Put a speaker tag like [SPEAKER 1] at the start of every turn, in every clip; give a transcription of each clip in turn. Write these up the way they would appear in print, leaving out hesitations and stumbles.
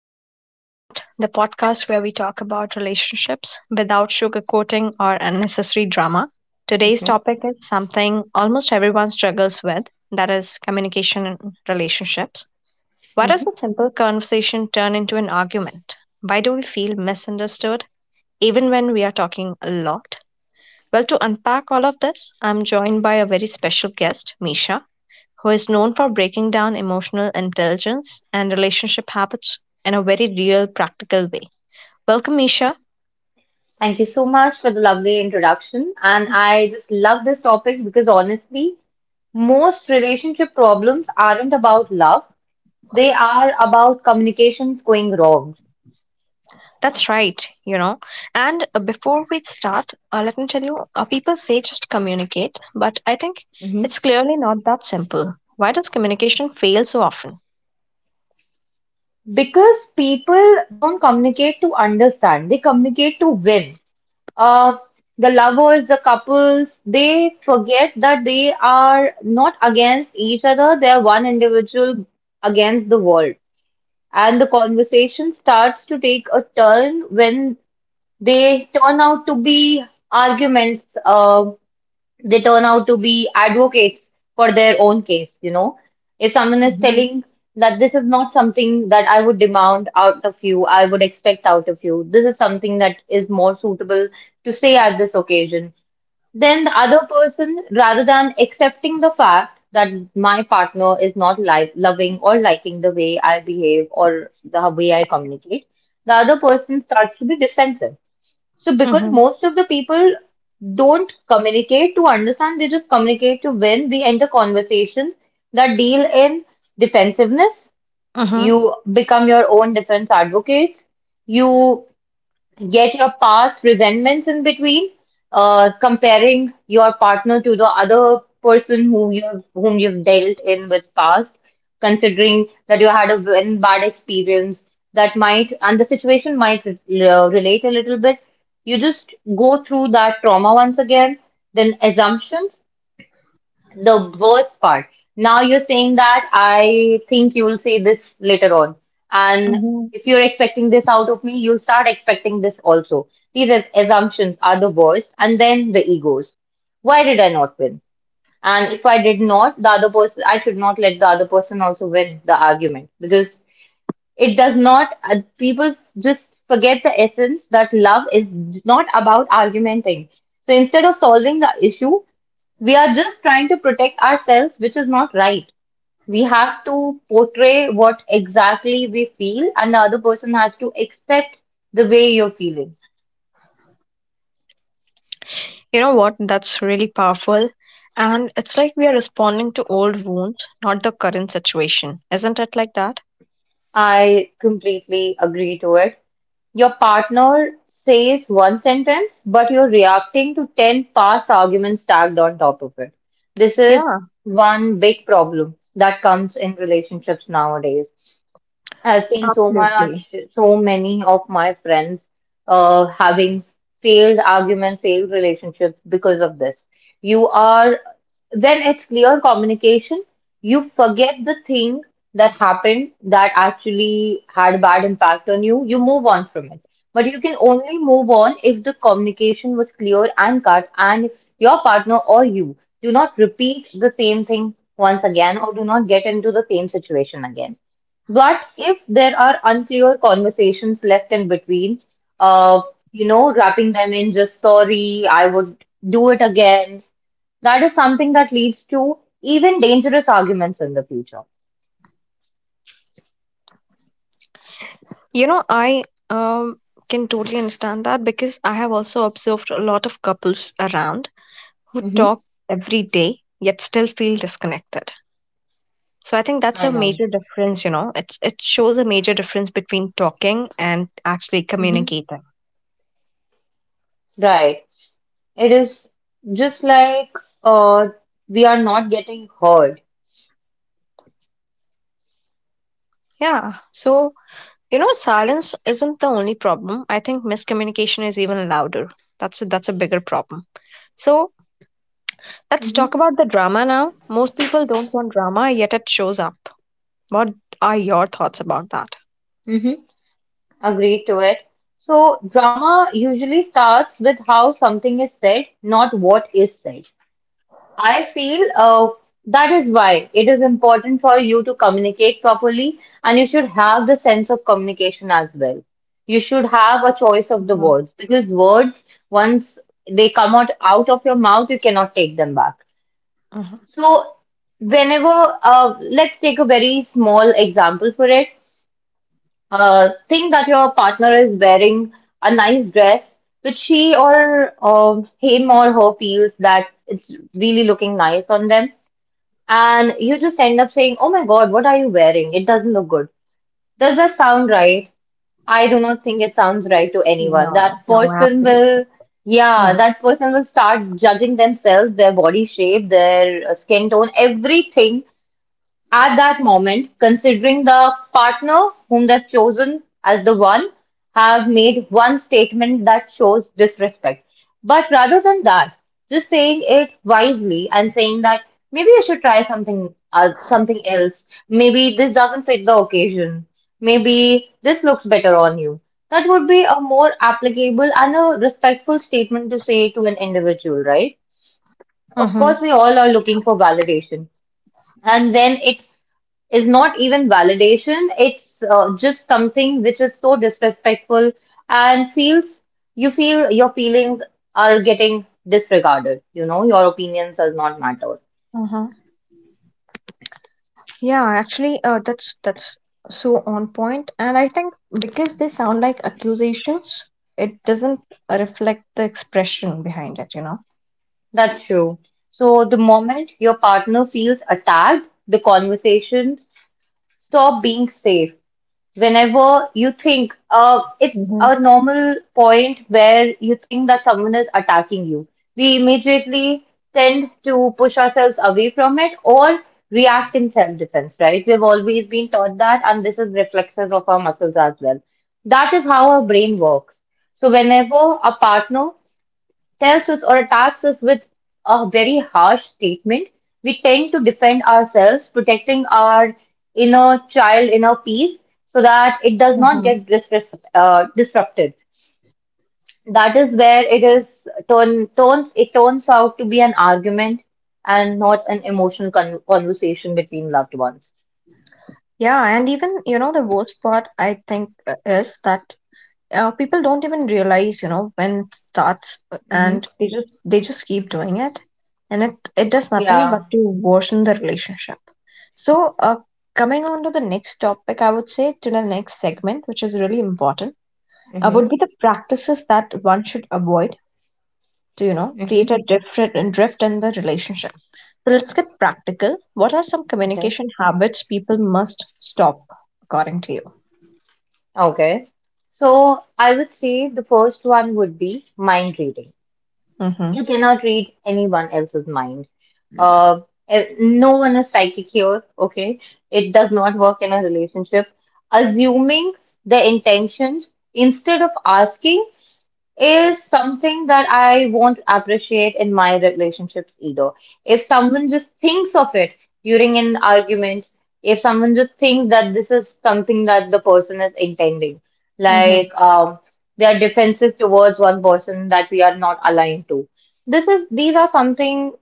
[SPEAKER 1] to Heart, the podcast where we talk about relationships without sugarcoating or unnecessary drama. Today's
[SPEAKER 2] Hmm.
[SPEAKER 1] topic is something almost everyone struggles with, that is, communication in relationships. Why does
[SPEAKER 2] Hmm.
[SPEAKER 1] a simple conversation turn into an argument? Why do we feel misunderstood even when we are talking a lot? Well, to unpack all of this, I'm joined by a very special guest, Misha, who is known for breaking down emotional intelligence and relationship habits in a very real, practical way. Welcome, Isha.
[SPEAKER 2] Thank you so much for the lovely introduction. And I just love this topic because honestly, most relationship problems aren't about love, they are about communications going wrong.
[SPEAKER 1] That's right. And before we start, let me tell you, people say just communicate, but I think
[SPEAKER 2] Hmm.
[SPEAKER 1] it's clearly not that simple. Why does communication fail so often?
[SPEAKER 2] Because people don't communicate to understand, they communicate to win. Uh, the lovers, the couples, they forget that they are not against each other, they are one individual against the world. And the conversation starts to take a turn when they turn out to be arguments, they turn out to be advocates for their own case. If someone is
[SPEAKER 1] Mm-hmm.
[SPEAKER 2] telling that this is not something that I would demand out of you, I would expect out of you, this is something that is more suitable to say at this occasion. Then the other person, rather than accepting the fact that my partner is not like loving or liking the way I behave or the way I communicate, the other person starts to be defensive. So because
[SPEAKER 1] Mm-hmm.
[SPEAKER 2] most of the people don't communicate to understand, they just communicate to win. We enter conversations that deal in defensiveness.
[SPEAKER 1] Mm-hmm.
[SPEAKER 2] You become your own defense advocates. You get your past resentments in between, comparing your partner to the other person whom you've dealt in with past, considering that you had a very bad experience that might and the situation might relate a little bit. You just go through that trauma once again, then assumptions. The worst part. Now you're saying that, I think you'll say this later on. And
[SPEAKER 1] Mm-hmm.
[SPEAKER 2] if you're expecting this out of me, you'll start expecting this also. These assumptions are the worst. And then the egos. Why did I not win? And if I did not, the other person, I should not let the other person also win the argument because it does not, people just forget the essence that love is not about argumenting. So instead of solving the issue, we are just trying to protect ourselves, which is not right. We have to portray what exactly we feel, and the other person has to accept the way you're feeling.
[SPEAKER 1] You know what? That's really powerful. And it's like we are responding to old wounds, not the current situation. Isn't it like that?
[SPEAKER 2] I completely agree to it. Your partner says one sentence, but you're reacting to 10 past arguments stacked on top of it. This is
[SPEAKER 1] Yeah,
[SPEAKER 2] one big problem that comes in relationships nowadays. I've seen so
[SPEAKER 1] absolutely.
[SPEAKER 2] much, so many of my friends having failed arguments, failed relationships because of this. You are, when it's clear communication, you forget the thing that happened that actually had a bad impact on you. You move on from it. But you can only move on if the communication was clear and cut, and if your partner or you do not repeat the same thing once again or do not get into the same situation again. But if there are unclear conversations left in between, uh, wrapping them in just sorry, I would do it again, that is something that leads to even dangerous arguments in the future.
[SPEAKER 1] You know, I um can totally understand that because I have also observed a lot of couples around who
[SPEAKER 2] Hmm.
[SPEAKER 1] talk every day yet still feel disconnected. So I think that's
[SPEAKER 2] I
[SPEAKER 1] a
[SPEAKER 2] know.
[SPEAKER 1] major difference. It shows a major difference between talking and actually
[SPEAKER 2] Hmm.
[SPEAKER 1] communicating.
[SPEAKER 2] Right. It is just like uh, we are not getting heard.
[SPEAKER 1] Yeah. So, silence isn't the only problem. I think miscommunication is even louder. That's a bigger problem. So, let's
[SPEAKER 2] Hmm.
[SPEAKER 1] talk about the drama now. Most people don't want drama, yet it shows up. What are your thoughts about that?
[SPEAKER 2] Hmm. Agree to it. So drama usually starts with how something is said, not what is said. I feel that is why it is important for you to communicate properly, and you should have the sense of communication as well. You should have a choice of the
[SPEAKER 1] Mhm,
[SPEAKER 2] words because words, once they come out, out of your mouth, you cannot take them back.
[SPEAKER 1] mhm.
[SPEAKER 2] So, whenever, let's take a very small example for it. Think that your partner is wearing a nice dress, which she or him or her feels that it's really looking nice on them, and you just end up saying, Oh my God, what are you wearing? It doesn't look good. Does that sound right? I do not think it sounds right to anyone.
[SPEAKER 1] No,
[SPEAKER 2] That
[SPEAKER 1] no,
[SPEAKER 2] person
[SPEAKER 1] absolutely.
[SPEAKER 2] will, yeah,
[SPEAKER 1] Mm.
[SPEAKER 2] that person will start judging themselves, their body shape, their skin tone, everything at that moment, considering the partner whom they've chosen as the one, have made one statement that shows disrespect. But rather than that, just saying it wisely and saying that maybe you should try something else. Maybe this doesn't fit the occasion. Maybe this looks better on you. That would be a more applicable and a respectful statement to say to an individual, right? Of course, we all are looking for validation, and when it is not even validation. It's just something which is so disrespectful and feels you feel your feelings are getting disregarded. Your opinions does not matter.
[SPEAKER 1] Mm-hmm. Yeah, actually, that's so on point, and I think because they sound like accusations, it doesn't reflect the expression behind it.
[SPEAKER 2] That's true. So the moment your partner feels attacked, the conversations stop being safe whenever you think it's
[SPEAKER 1] Mm-hmm.
[SPEAKER 2] a normal point where you think that someone is attacking you, we immediately tend to push ourselves away from it or react in self-defense, right? We've always been taught that, and this is reflexes of our muscles as well. That is how our brain works. So whenever a partner tells us or attacks us with a very harsh statement, we tend to defend ourselves, protecting our inner child, inner peace, so that it does not
[SPEAKER 1] Mm-hmm.
[SPEAKER 2] get disrupted. That is where it turns out to be an argument and not an emotional conversation between loved ones.
[SPEAKER 1] Yeah, and even the worst part I think, is that people don't even realize when it starts,
[SPEAKER 2] Hmm.
[SPEAKER 1] and they just keep doing it, and it does nothing but
[SPEAKER 2] Yeah.
[SPEAKER 1] to worsen the relationship. So, coming on to the next topic, I would say, to the next segment, which is really important, would be
[SPEAKER 2] Hmm.
[SPEAKER 1] the practices that one should avoid to
[SPEAKER 2] Hmm.
[SPEAKER 1] create a different drift in the relationship. So let's get practical. What are some
[SPEAKER 2] Okay.
[SPEAKER 1] communication habits people must stop according to you?
[SPEAKER 2] Okay. So I would say the first one would be mind reading.
[SPEAKER 1] Mm-hmm.
[SPEAKER 2] You cannot read anyone else's mind. Uh, no one is psychic here, okay? It does not work in a relationship. Assuming the intentions instead of asking is something that I won't appreciate in my relationships either. If someone just thinks of it during an argument, if someone just thinks that this is something that the person is intending,
[SPEAKER 1] Mm-hmm.
[SPEAKER 2] like they are defensive towards one person that we are not aligned to, this is these are something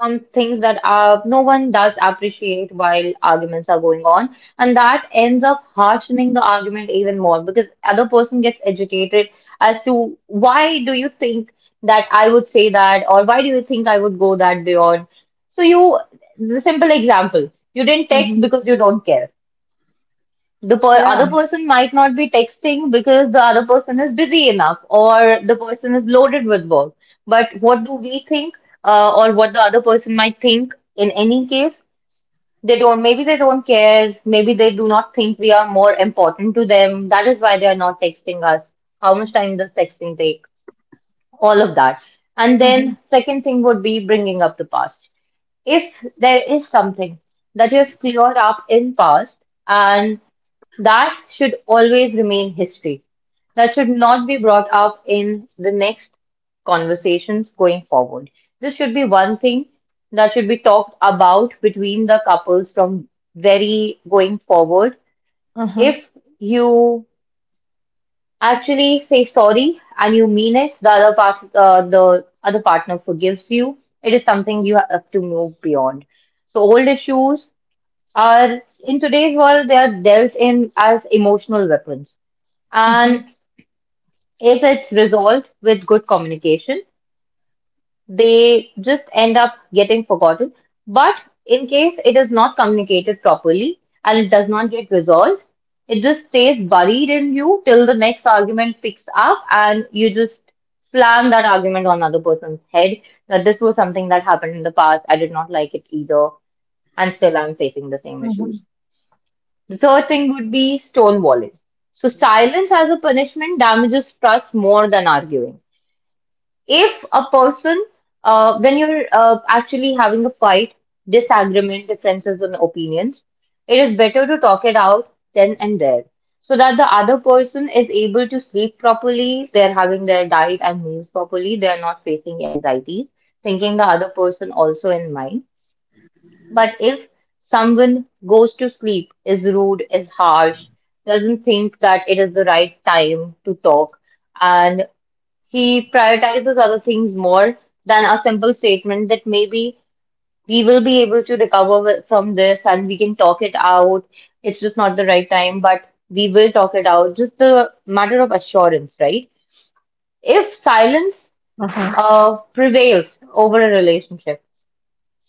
[SPEAKER 2] some things that no one does appreciate while arguments are going on, and that ends up harshening the argument even more because other person gets educated as to why do you think that I would say that, or why do you think I would go that beyond? So you, the simple example, you didn't text
[SPEAKER 1] Mm-hmm.
[SPEAKER 2] because you don't care, the per-
[SPEAKER 1] Yeah.
[SPEAKER 2] other person might not be texting because the other person is busy enough or the person is loaded with work. But what do we think, or what the other person might think in any case? They don't, maybe they don't care, maybe they do not think we are more important to them. That is why they are not texting us. How much time does texting take? All of that. And
[SPEAKER 1] Mm-hmm.
[SPEAKER 2] then, second thing would be bringing up the past. If there is something that you have cleared up in past, and that should always remain history. That should not be brought up in the next conversations going forward. This should be one thing that should be talked about between the couples from very going forward.
[SPEAKER 1] Mm-hmm.
[SPEAKER 2] If you actually say sorry and you mean it, the other partner forgives you. It is something you have to move beyond. So old issues are, in today's world they are dealt in as emotional weapons,
[SPEAKER 1] Mm-hmm.
[SPEAKER 2] and if it's resolved with good communication, they just end up getting forgotten. But in case it is not communicated properly and it does not get resolved, it just stays buried in you till the next argument picks up and you just slam that argument on another person's head that this was something that happened in the past. I did not like it either. And still I'm facing the same
[SPEAKER 1] Mm-hmm.
[SPEAKER 2] issues. Third thing would be stone walls. So silence as a punishment damages trust more than arguing. If a person, when you're actually having a fight, disagreement, differences on opinions, it is better to talk it out then and there so that the other person is able to sleep properly, they're having their diet and meals properly, they're not facing anxieties, thinking the other person also in mind. But if someone goes to sleep, is rude, is harsh, doesn't think that it is the right time to talk, and he prioritizes other things more than a simple statement that maybe we will be able to recover from this and we can talk it out. It's just not the right time, but we will talk it out. Just a matter of assurance, right? If silence
[SPEAKER 1] Mm-hmm.
[SPEAKER 2] prevails over a relationship,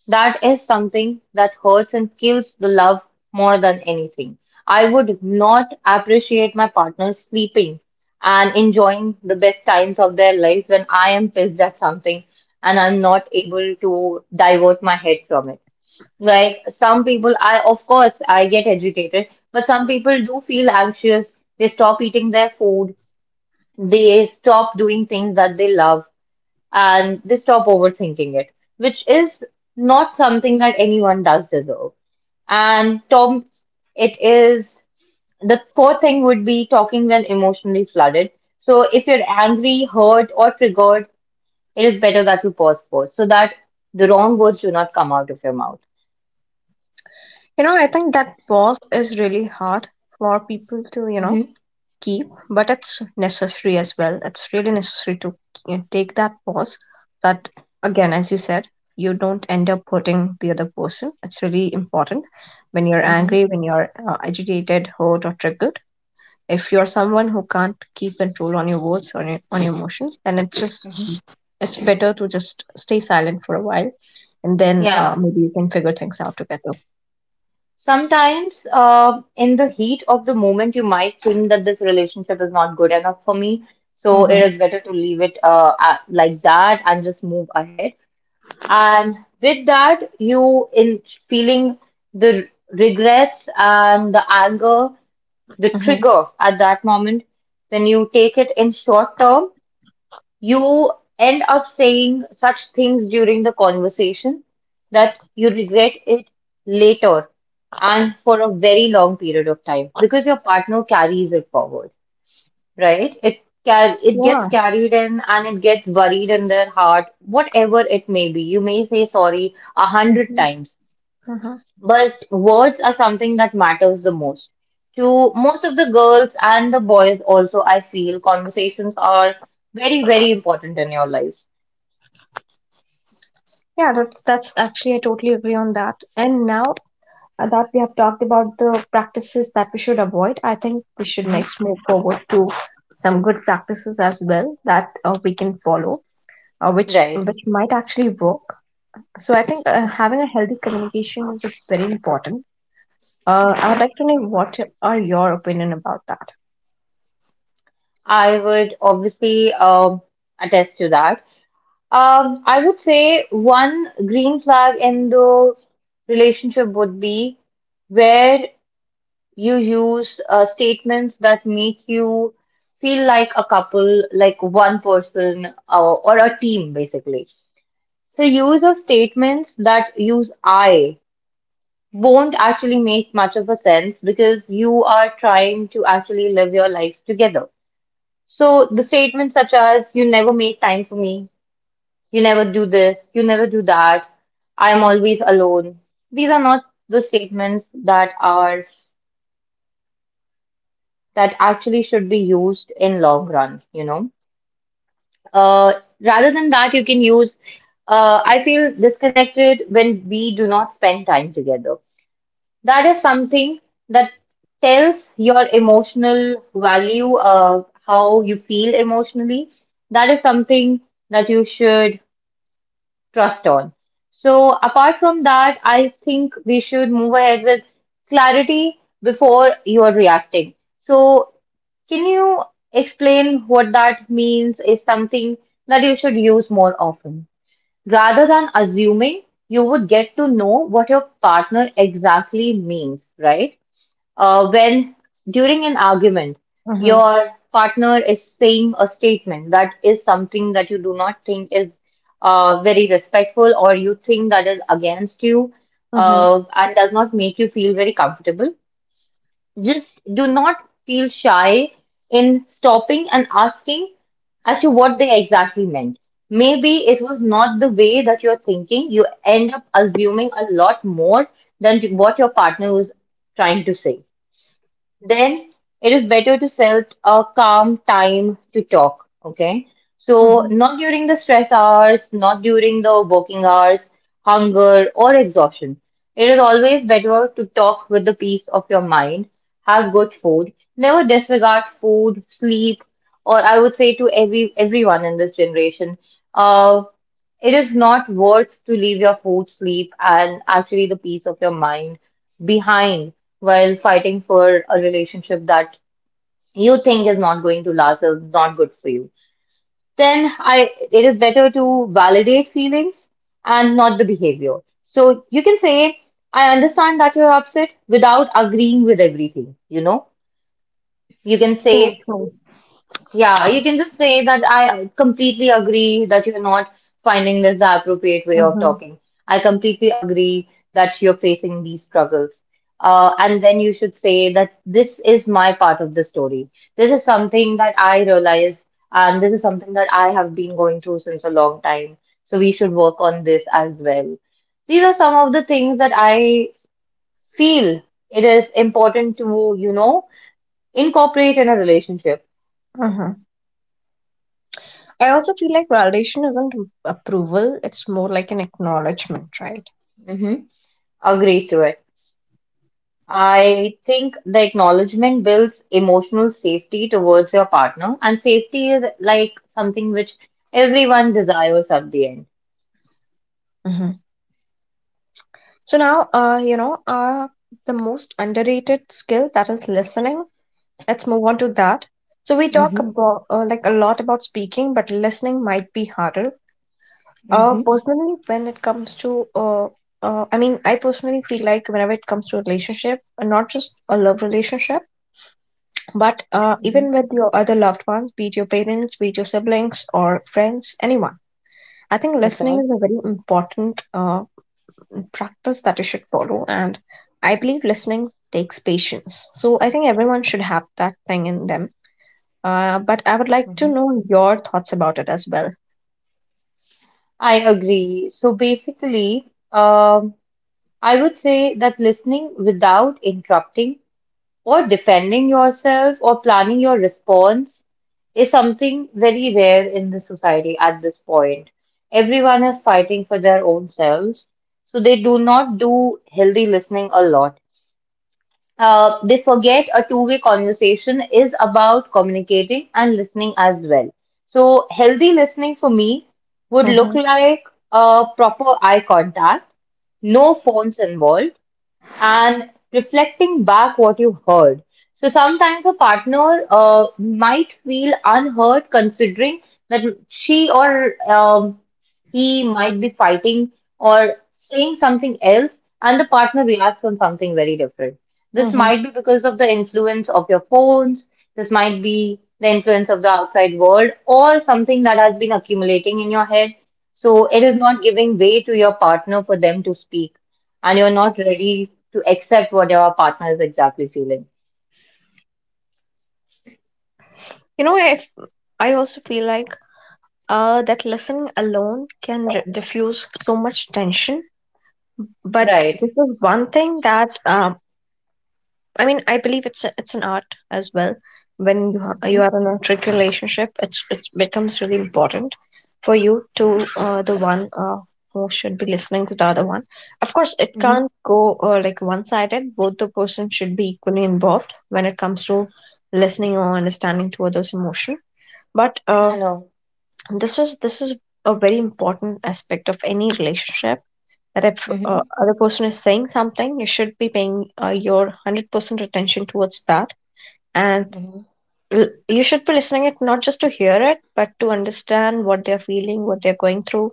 [SPEAKER 2] that is something that hurts and kills the love more than anything. I would not appreciate my partner sleeping and enjoying the best times of their lives when I am pissed at something and I'm not able to divert my head from it. Like some people, I of course I get agitated, but some people do feel anxious. They stop eating their food. They stop doing things that they love and they stop overthinking it, which is not something that anyone does deserve. And Tom, it is the fourth thing would be talking when emotionally flooded. So if you're angry, hurt, or triggered, it is better that you pause first so that the wrong words do not come out of your mouth.
[SPEAKER 1] You know, I think that pause is really hard for people to,
[SPEAKER 2] Mm-hmm.
[SPEAKER 1] keep, but it's necessary as well. It's really necessary to, take that pause. That, again, as you said, you don't end up hurting the other person. It's really important when you're
[SPEAKER 2] Mm-hmm.
[SPEAKER 1] angry, when you're, agitated, hurt, or triggered. If you're someone who can't keep control on your words or on your emotions, then it's
[SPEAKER 2] Mm-hmm.
[SPEAKER 1] just it's better to just stay silent for a while, and then
[SPEAKER 2] Yeah.
[SPEAKER 1] maybe you can figure things out together.
[SPEAKER 2] Sometimes, in the heat of the moment, you might think that this relationship is not good enough for me. So it
[SPEAKER 1] Mm-hmm.
[SPEAKER 2] is better to leave it like that and just move ahead. And with that, you in feeling the regrets and the anger, the
[SPEAKER 1] Mm-hmm.
[SPEAKER 2] trigger at that moment, then you take it in short term you end up saying such things during the conversation that you regret it later and for a very long period of time because your partner carries it forward, right? It gets
[SPEAKER 1] Yeah.
[SPEAKER 2] carried in and it gets buried in their heart, whatever it may be. You may say sorry a hundred
[SPEAKER 1] Mm-hmm.
[SPEAKER 2] times,
[SPEAKER 1] Mm-hmm.
[SPEAKER 2] but words are something that matters the most. To most of the girls and the boys also, I feel conversations are very, very important in your life.
[SPEAKER 1] Yeah, that's actually, I totally agree on that. And now that we have talked about the practices that we should avoid, I think we should next move forward to some good practices as well that we can follow, which
[SPEAKER 2] Right.
[SPEAKER 1] which might actually work. So I think, having a healthy communication is, very important. I would like to know what are your opinion about that.
[SPEAKER 2] I would obviously attest to that. I would say one green flag in the relationship would be where you use statements that make you feel like a couple, like one person or a team, basically. The use of statements that use I won't actually make much of a sense because you are trying to actually live your lives together. So the statements such as you never make time for me, you never do this, you never do that, I am always alone. These are not the statements that are that actually should be used in long run, you know. Uh, rather than that, you can use I feel disconnected when we do not spend time together. That is something that tells your emotional value, how you feel emotionally. That is something that you should trust on. So, apart from that, I think we should move ahead with clarity before you're reacting. So, can you explain what that means is something that you should use more often? Rather than assuming, you would get to know what your partner exactly means, right? When during an argument,
[SPEAKER 1] Mm-hmm.
[SPEAKER 2] your partner is saying a statement that is something that you do not think is very respectful or you think that is against you
[SPEAKER 1] Mm-hmm.
[SPEAKER 2] and does not make you feel very comfortable, just do not feel shy in stopping and asking as to what they exactly meant. Maybe it was not the way that you're thinking. You end up assuming a lot more than what your partner was trying to say then it is better to set a calm time to talk. Okay. So,
[SPEAKER 1] Mm-hmm.
[SPEAKER 2] not during the stress hours, not during the working hours, hunger, or exhaustion. It is always better to talk with the peace of your mind, have good food, never disregard food, sleep, or I would say to everyone in this generation, uh, it is not worth to leave your food, sleep, and actually the peace of your mind behind while fighting for a relationship that you think is not going to last or is not good for you then I it is better to validate feelings and not the behavior, so you can say I understand that you're upset without agreeing with everything, you know. You can
[SPEAKER 1] True.
[SPEAKER 2] say,
[SPEAKER 1] True.
[SPEAKER 2] yeah, you can just say that I completely agree that you're not finding this the appropriate way of
[SPEAKER 1] Mm-hmm.
[SPEAKER 2] talking. I completely agree that you're facing these struggles. And then you should say that this is my part of the story. This is something that I realize, and this is something that I have been going through since a long time. So we should work on this as well. These are some of the things that I feel it is important to, you know, incorporate in a relationship.
[SPEAKER 1] Mm-hmm. I also feel like validation isn't approval; it's more like an acknowledgement, right?
[SPEAKER 2] Hmm. Agree to it. I think the acknowledgement builds emotional safety towards your partner, and safety is like something which everyone desires at the end.
[SPEAKER 1] Mhm. So now, the most underrated skill, that is listening. Let's move on to that. So we talk
[SPEAKER 2] Mm-hmm,
[SPEAKER 1] about, like, a lot about speaking, but listening might be harder.
[SPEAKER 2] mm-hmm,
[SPEAKER 1] Personally, when it comes I mean, I personally feel like whenever it comes to relationship, not just a love relationship, but
[SPEAKER 2] mm-hmm.
[SPEAKER 1] even with your other loved ones, be it your parents, be it your siblings or friends, anyone. I think listening
[SPEAKER 2] Okay.
[SPEAKER 1] is a very important practice that you should follow. And I believe listening takes patience. So I think everyone should have that thing in them. But I would like to
[SPEAKER 2] Mm-hmm.
[SPEAKER 1] know your thoughts about it as well.
[SPEAKER 2] I agree. So basically, I would say that listening without interrupting or defending yourself or planning your response is something very rare in the society at this point. Everyone is fighting for their own selves, so they do not do healthy listening a lot. They forget a two-way conversation is about communicating and listening as well. So healthy listening for me would look
[SPEAKER 1] Hmm.
[SPEAKER 2] like a proper eye contact, no phones involved and reflecting back what you heard. So sometimes a partner might feel unheard considering that she or he might be fighting or saying something else, and the partner reacts on something very different. This
[SPEAKER 1] Hmm.
[SPEAKER 2] might be because of the influence of your phones, this might be the influence of the outside world, or something that has been accumulating in your head. So it is not giving way to your partner for them to speak and you're not ready to accept what your partner is exactly feeling.
[SPEAKER 1] You know, I also feel like, that listening alone can r diffuse so much tension. But
[SPEAKER 2] Right.
[SPEAKER 1] this is one thing that, I mean, I believe it's an art as well. When you are, you
[SPEAKER 2] Hmm.
[SPEAKER 1] are in a trick relationship, it becomes really important for you to, the one, who should be listening to the other one. Of course, it
[SPEAKER 2] Hmm.
[SPEAKER 1] can't go, like, one sided. Both the person should be equally involved when it comes to listening or understanding to others' emotion. But
[SPEAKER 2] I know.
[SPEAKER 1] this is a very important aspect of any relationship, that if,
[SPEAKER 2] Hmm.
[SPEAKER 1] other person is saying something you should be paying, your 100% attention towards that, and
[SPEAKER 2] Hmm.
[SPEAKER 1] you should be listening it, not just to hear it but to understand what they're feeling, what they're going through.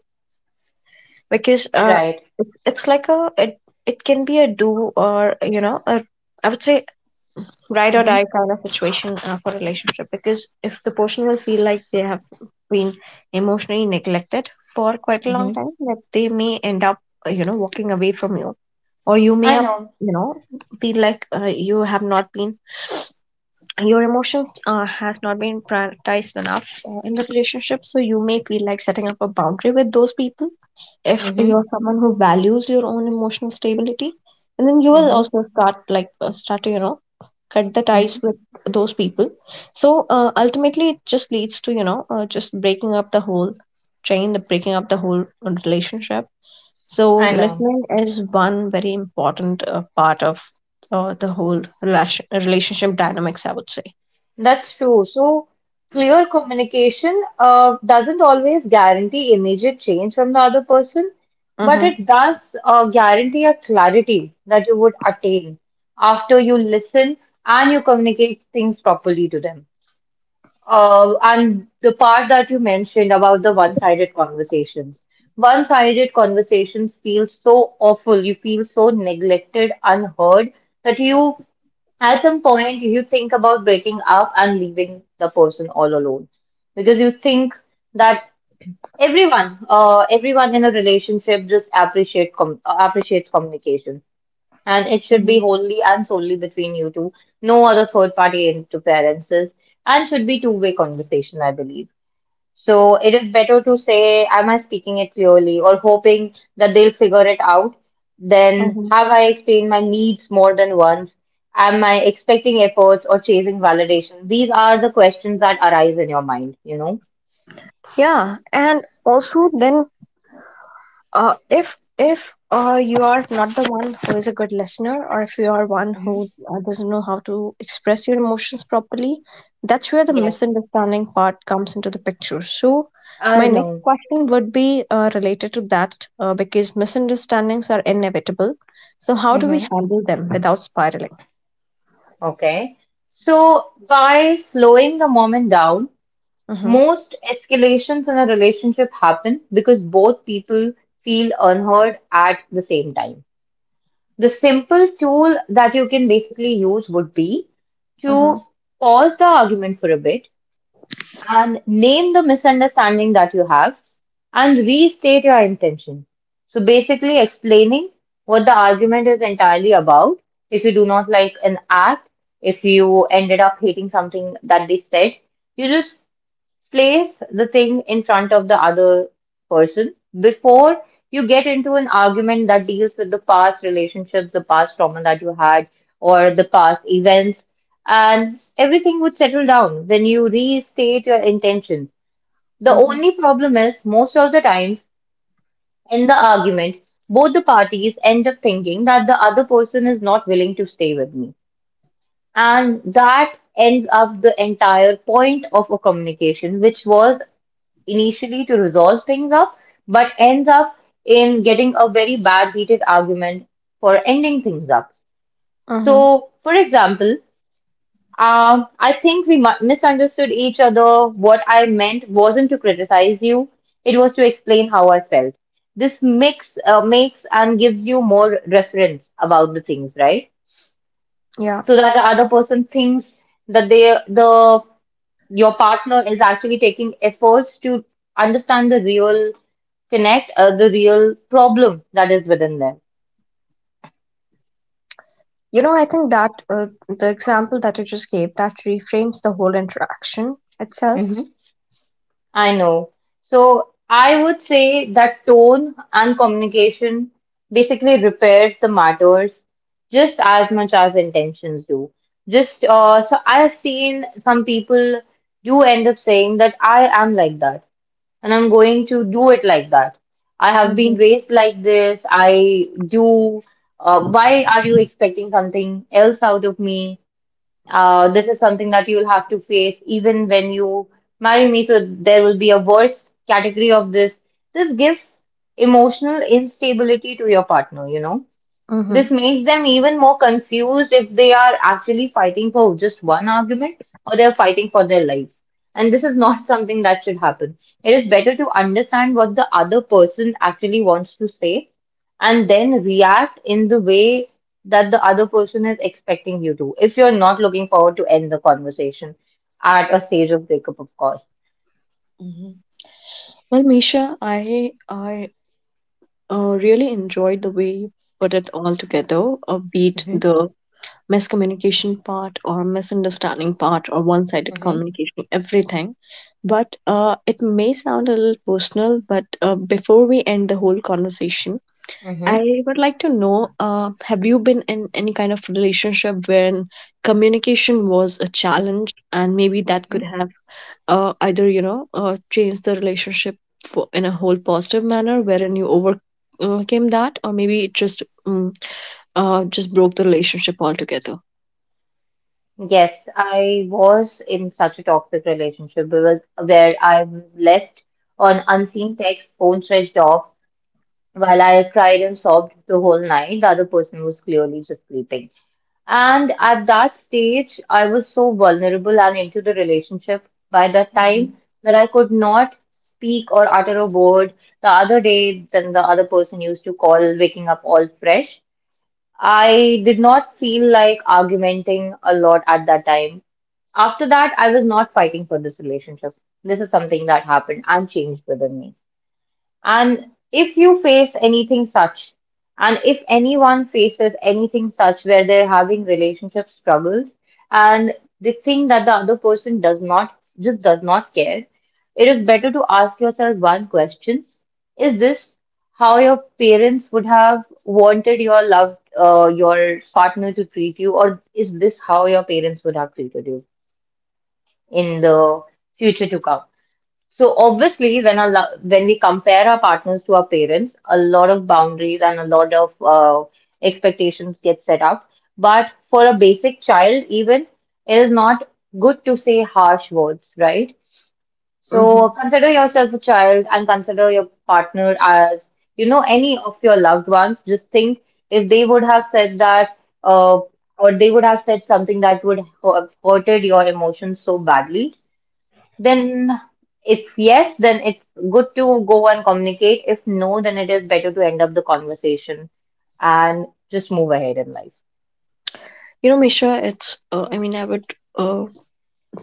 [SPEAKER 1] Because
[SPEAKER 2] Right.
[SPEAKER 1] it- it's like a it it can be a do or, you know a I would say, ride or die
[SPEAKER 2] Hmm.
[SPEAKER 1] kind of situation, for a relationship. Because if the person will feel like they have been emotionally neglected for quite a long
[SPEAKER 2] Hmm.
[SPEAKER 1] time, that they may end up, walking away from you, or you may
[SPEAKER 2] I
[SPEAKER 1] up
[SPEAKER 2] know.
[SPEAKER 1] you know feel like, you have not been, your emotions, has not been prioritized enough, in the relationship. So you may feel like setting up a boundary with those people if
[SPEAKER 2] Hmm. Hmm.
[SPEAKER 1] you're someone who values your own emotional stability, and then you will
[SPEAKER 2] Hmm.
[SPEAKER 1] also start to cut the ties with those people. So ultimately it just leads to, just breaking up the whole train the breaking up the whole relationship. So
[SPEAKER 2] I know.
[SPEAKER 1] listening is one very important, part of, the whole relationship dynamics, I would say.
[SPEAKER 2] That's true. So clear communication doesn't always guarantee immediate change from the other person, but
[SPEAKER 1] Uh-huh.
[SPEAKER 2] it does guarantee a clarity that you would attain after you listen and you communicate things properly to them. And the part that you mentioned about the one-sided conversations. One-sided conversations feel so awful. You feel so neglected, unheard, that you, at some point, you think about breaking up and leaving the person all alone. Because you think that everyone in a relationship just appreciates communication. And it should be
[SPEAKER 1] Uh-huh.
[SPEAKER 2] wholly and solely between you two. No other third party interferences and should be two-way conversation, I believe. So it is better to say, am I speaking it clearly or hoping that they'll figure it out? Then
[SPEAKER 1] Uh-huh.
[SPEAKER 2] have I explained my needs more than once? Am I expecting efforts or chasing validation? These are the questions that arise in your mind, you know?
[SPEAKER 1] Yeah, and also then, if you are not the one who is a good listener, or if you are one who,
[SPEAKER 2] Hmm.
[SPEAKER 1] doesn't know how to express your emotions properly, that's where the
[SPEAKER 2] Yes,
[SPEAKER 1] misunderstanding part comes into the picture. So
[SPEAKER 2] I
[SPEAKER 1] my next
[SPEAKER 2] know.
[SPEAKER 1] question would be, related to that, because misunderstandings are inevitable. So how do we
[SPEAKER 2] Hmm.
[SPEAKER 1] handle them without spiraling?
[SPEAKER 2] Okay. So by slowing the moment down,
[SPEAKER 1] Mm-hmm.
[SPEAKER 2] most escalations in a relationship happen because both people feel unheard at the same time. The simple tool that you can basically use would be to
[SPEAKER 1] Mm-hmm.
[SPEAKER 2] pause the argument for a bit and name the misunderstanding that you have and restate your intention. So basically explaining what the argument is entirely about. If you do not like an act, if you ended up hating something that they said, you just place the thing in front of the other person before you get into an argument that deals with the past relationships, the past trauma that you had, or the past events, and everything would settle down when you restate your intention. The
[SPEAKER 1] Mm-hmm.
[SPEAKER 2] only problem is most of the times in the argument, both the parties end up thinking that the other person is not willing to stay with me. And that ends up the entire point of a communication, which was initially to resolve things up, but ends up in getting a very bad heated argument for ending things up.
[SPEAKER 1] Mm-hmm.
[SPEAKER 2] So, for example, I think we misunderstood each other. What I meant wasn't to criticize you, it was to explain how I felt. This mix makes and gives you more reference about the things, right?
[SPEAKER 1] Yeah.
[SPEAKER 2] So that the other person thinks that they the your partner is actually taking efforts to understand the the real problem that is within them.
[SPEAKER 1] You know, I think that, the example that you just gave, that reframes the whole interaction itself.
[SPEAKER 2] Hmm. I know. So I would say that tone and communication basically repairs the matters just as much as intentions do. Just so I've seen some people do end up saying that I am like that, and I'm going to do it like that. I have been
[SPEAKER 1] Mhm.
[SPEAKER 2] raised like this. I do. Why are you expecting something else out of me? This is something that you'll have to face even when you marry me. So there will be a worse category of this. This gives emotional instability to your partner, you know? This
[SPEAKER 1] Mhm.
[SPEAKER 2] makes them even more confused if they are actually fighting for just one argument or they're fighting for their life. And this is not something that should happen. It is better to understand what the other person actually wants to say and then react in the way that the other person is expecting you to, if you're not looking forward to end the conversation at a stage of breakup, of course.
[SPEAKER 1] Hmm. Well, Misha, I really enjoyed the way you put it all together, beat
[SPEAKER 2] Hmm.
[SPEAKER 1] the miscommunication part, or misunderstanding part, or one sided communication, everything. But it may sound a little personal, but before we end the whole conversation,
[SPEAKER 2] Hmm.
[SPEAKER 1] I would like to know, have you been in any kind of relationship wherein communication was a challenge, and maybe that
[SPEAKER 2] Hmm.
[SPEAKER 1] could have, either, changed the relationship for, in a whole positive manner wherein you overcame that, or maybe it just broke the relationship altogether.
[SPEAKER 2] Yes, I was in such a toxic relationship because where I was left on unseen text, phone switched off, while I cried and sobbed the whole night. The other person was clearly just sleeping. And at that stage, I was so vulnerable and into the relationship by that
[SPEAKER 1] Hmm.
[SPEAKER 2] time that I could not speak or utter a word. The other day, then the other person used to call waking up all fresh. I did not feel like argumenting a lot at that time. After that, I was not fighting for this relationship. This is something that happened and changed within me. And if you face anything such, and if anyone faces anything such where they're having relationship struggles and they think that the other person does not, just does not care, it is better to ask yourself one question. Is this how your parents would have wanted your your partner to treat you, or is this how your parents would have treated you in the future to come? So obviously, when a when we compare our partners to our parents, a lot of boundaries and a lot of expectations get set up. But for a basic child, even it is not good to say harsh words, right? So
[SPEAKER 1] Hmm.
[SPEAKER 2] consider yourself a child and consider your partner as you know any of your loved ones. Just think if they would have said that, uh, or they would have said something that would have hurted your emotions so badly. Then, if yes, then it's good to go and communicate. If no, then it is better to end up the conversation and just move ahead in life.
[SPEAKER 1] Misha, it's, I mean, I would,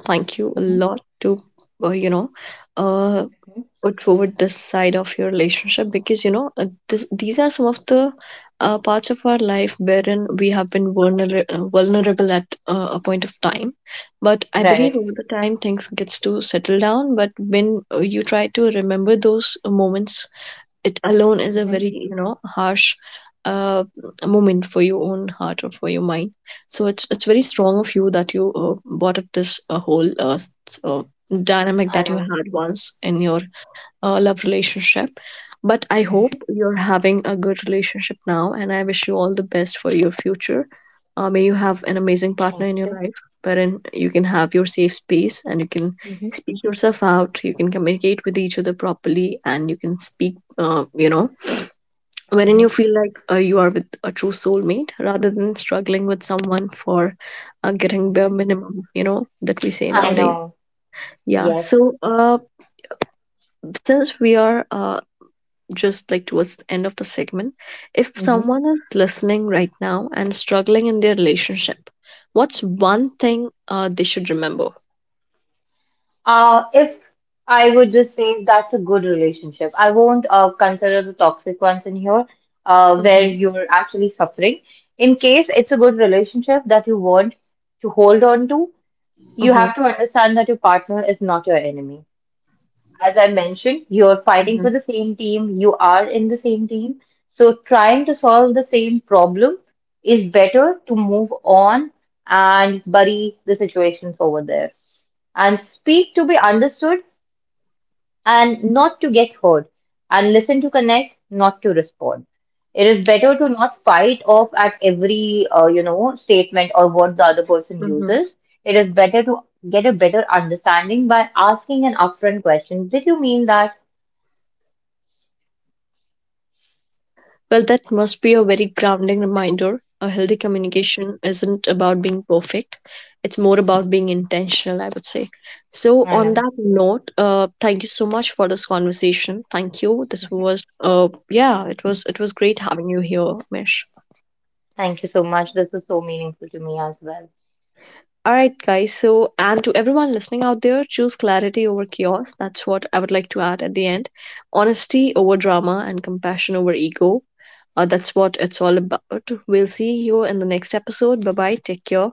[SPEAKER 1] thank you a
[SPEAKER 2] Mm-hmm.
[SPEAKER 1] lot to, uh, you know uh, or toward this side of your relationship. Because these are some of the, parts of our life wherein we have been vulnerable at, a point of time. But I believe
[SPEAKER 2] Right.
[SPEAKER 1] over the time things gets to settle down, but when, you try to remember those moments, it alone is a
[SPEAKER 2] Mm-hmm.
[SPEAKER 1] very harsh, uh, moment for your own heart or for your mind. So it's very strong of you that you, brought up this, whole, uh, dynamic
[SPEAKER 2] I
[SPEAKER 1] that you
[SPEAKER 2] know.
[SPEAKER 1] had once in your, love relationship. But I
[SPEAKER 2] Mm-hmm.
[SPEAKER 1] hope you're having a good relationship now, and I wish you all the best for your future. May you have an amazing partner in
[SPEAKER 2] Thank
[SPEAKER 1] your
[SPEAKER 2] you.
[SPEAKER 1] life wherein you can have your safe space, and you can
[SPEAKER 2] Mm-hmm.
[SPEAKER 1] speak yourself out, you can communicate with each other properly, and you can speak, wherein
[SPEAKER 2] Mm-hmm.
[SPEAKER 1] you feel like, you are with a true soulmate, rather than struggling with someone for, getting bare
[SPEAKER 2] Mm-hmm.
[SPEAKER 1] minimum, you know, that we say
[SPEAKER 2] I
[SPEAKER 1] nowadays.
[SPEAKER 2] know.
[SPEAKER 1] Yeah.
[SPEAKER 2] Yes.
[SPEAKER 1] So, since we are, just like, towards the end of the segment, if someone is listening right now and struggling in their relationship, what's one thing, they should remember?
[SPEAKER 2] If I would just say that's a good relationship, I won't consider the toxic ones in here, where
[SPEAKER 1] Mm-hmm.
[SPEAKER 2] you're actually suffering. In case it's a good relationship that you want to hold on to, you
[SPEAKER 1] Mm-hmm.
[SPEAKER 2] have to understand that your partner is not your enemy. As I mentioned, you're fighting for
[SPEAKER 1] Mm-hmm.
[SPEAKER 2] the same team, you are in the same team. So trying to solve the same problem is better to move on and bury the situations over there and speak to be understood and not to get heard, and listen to connect, not to respond. It is better to not fight off at every you know statement or what the other person
[SPEAKER 1] Mm-hmm.
[SPEAKER 2] uses. It is better to get a better understanding by asking an upfront question. Did you mean that?
[SPEAKER 1] Well, that must be a very grounding reminder. A healthy
[SPEAKER 2] Mhm.
[SPEAKER 1] communication isn't about being perfect, it's more about being intentional, I would say. So,
[SPEAKER 2] I
[SPEAKER 1] on
[SPEAKER 2] know.
[SPEAKER 1] that note, thank you so much for this conversation. Thank you. This
[SPEAKER 2] Mhm.
[SPEAKER 1] was, yeah, it was great having you here, Mish.
[SPEAKER 2] Thank you so much. This was so meaningful to me as well.
[SPEAKER 1] All right, guys. So, and to everyone listening out there, choose clarity over chaos. That's what I would like to add at the end. Honesty over drama, and compassion over ego. That's what it's all about. We'll see you in the next episode. Bye bye. Take care.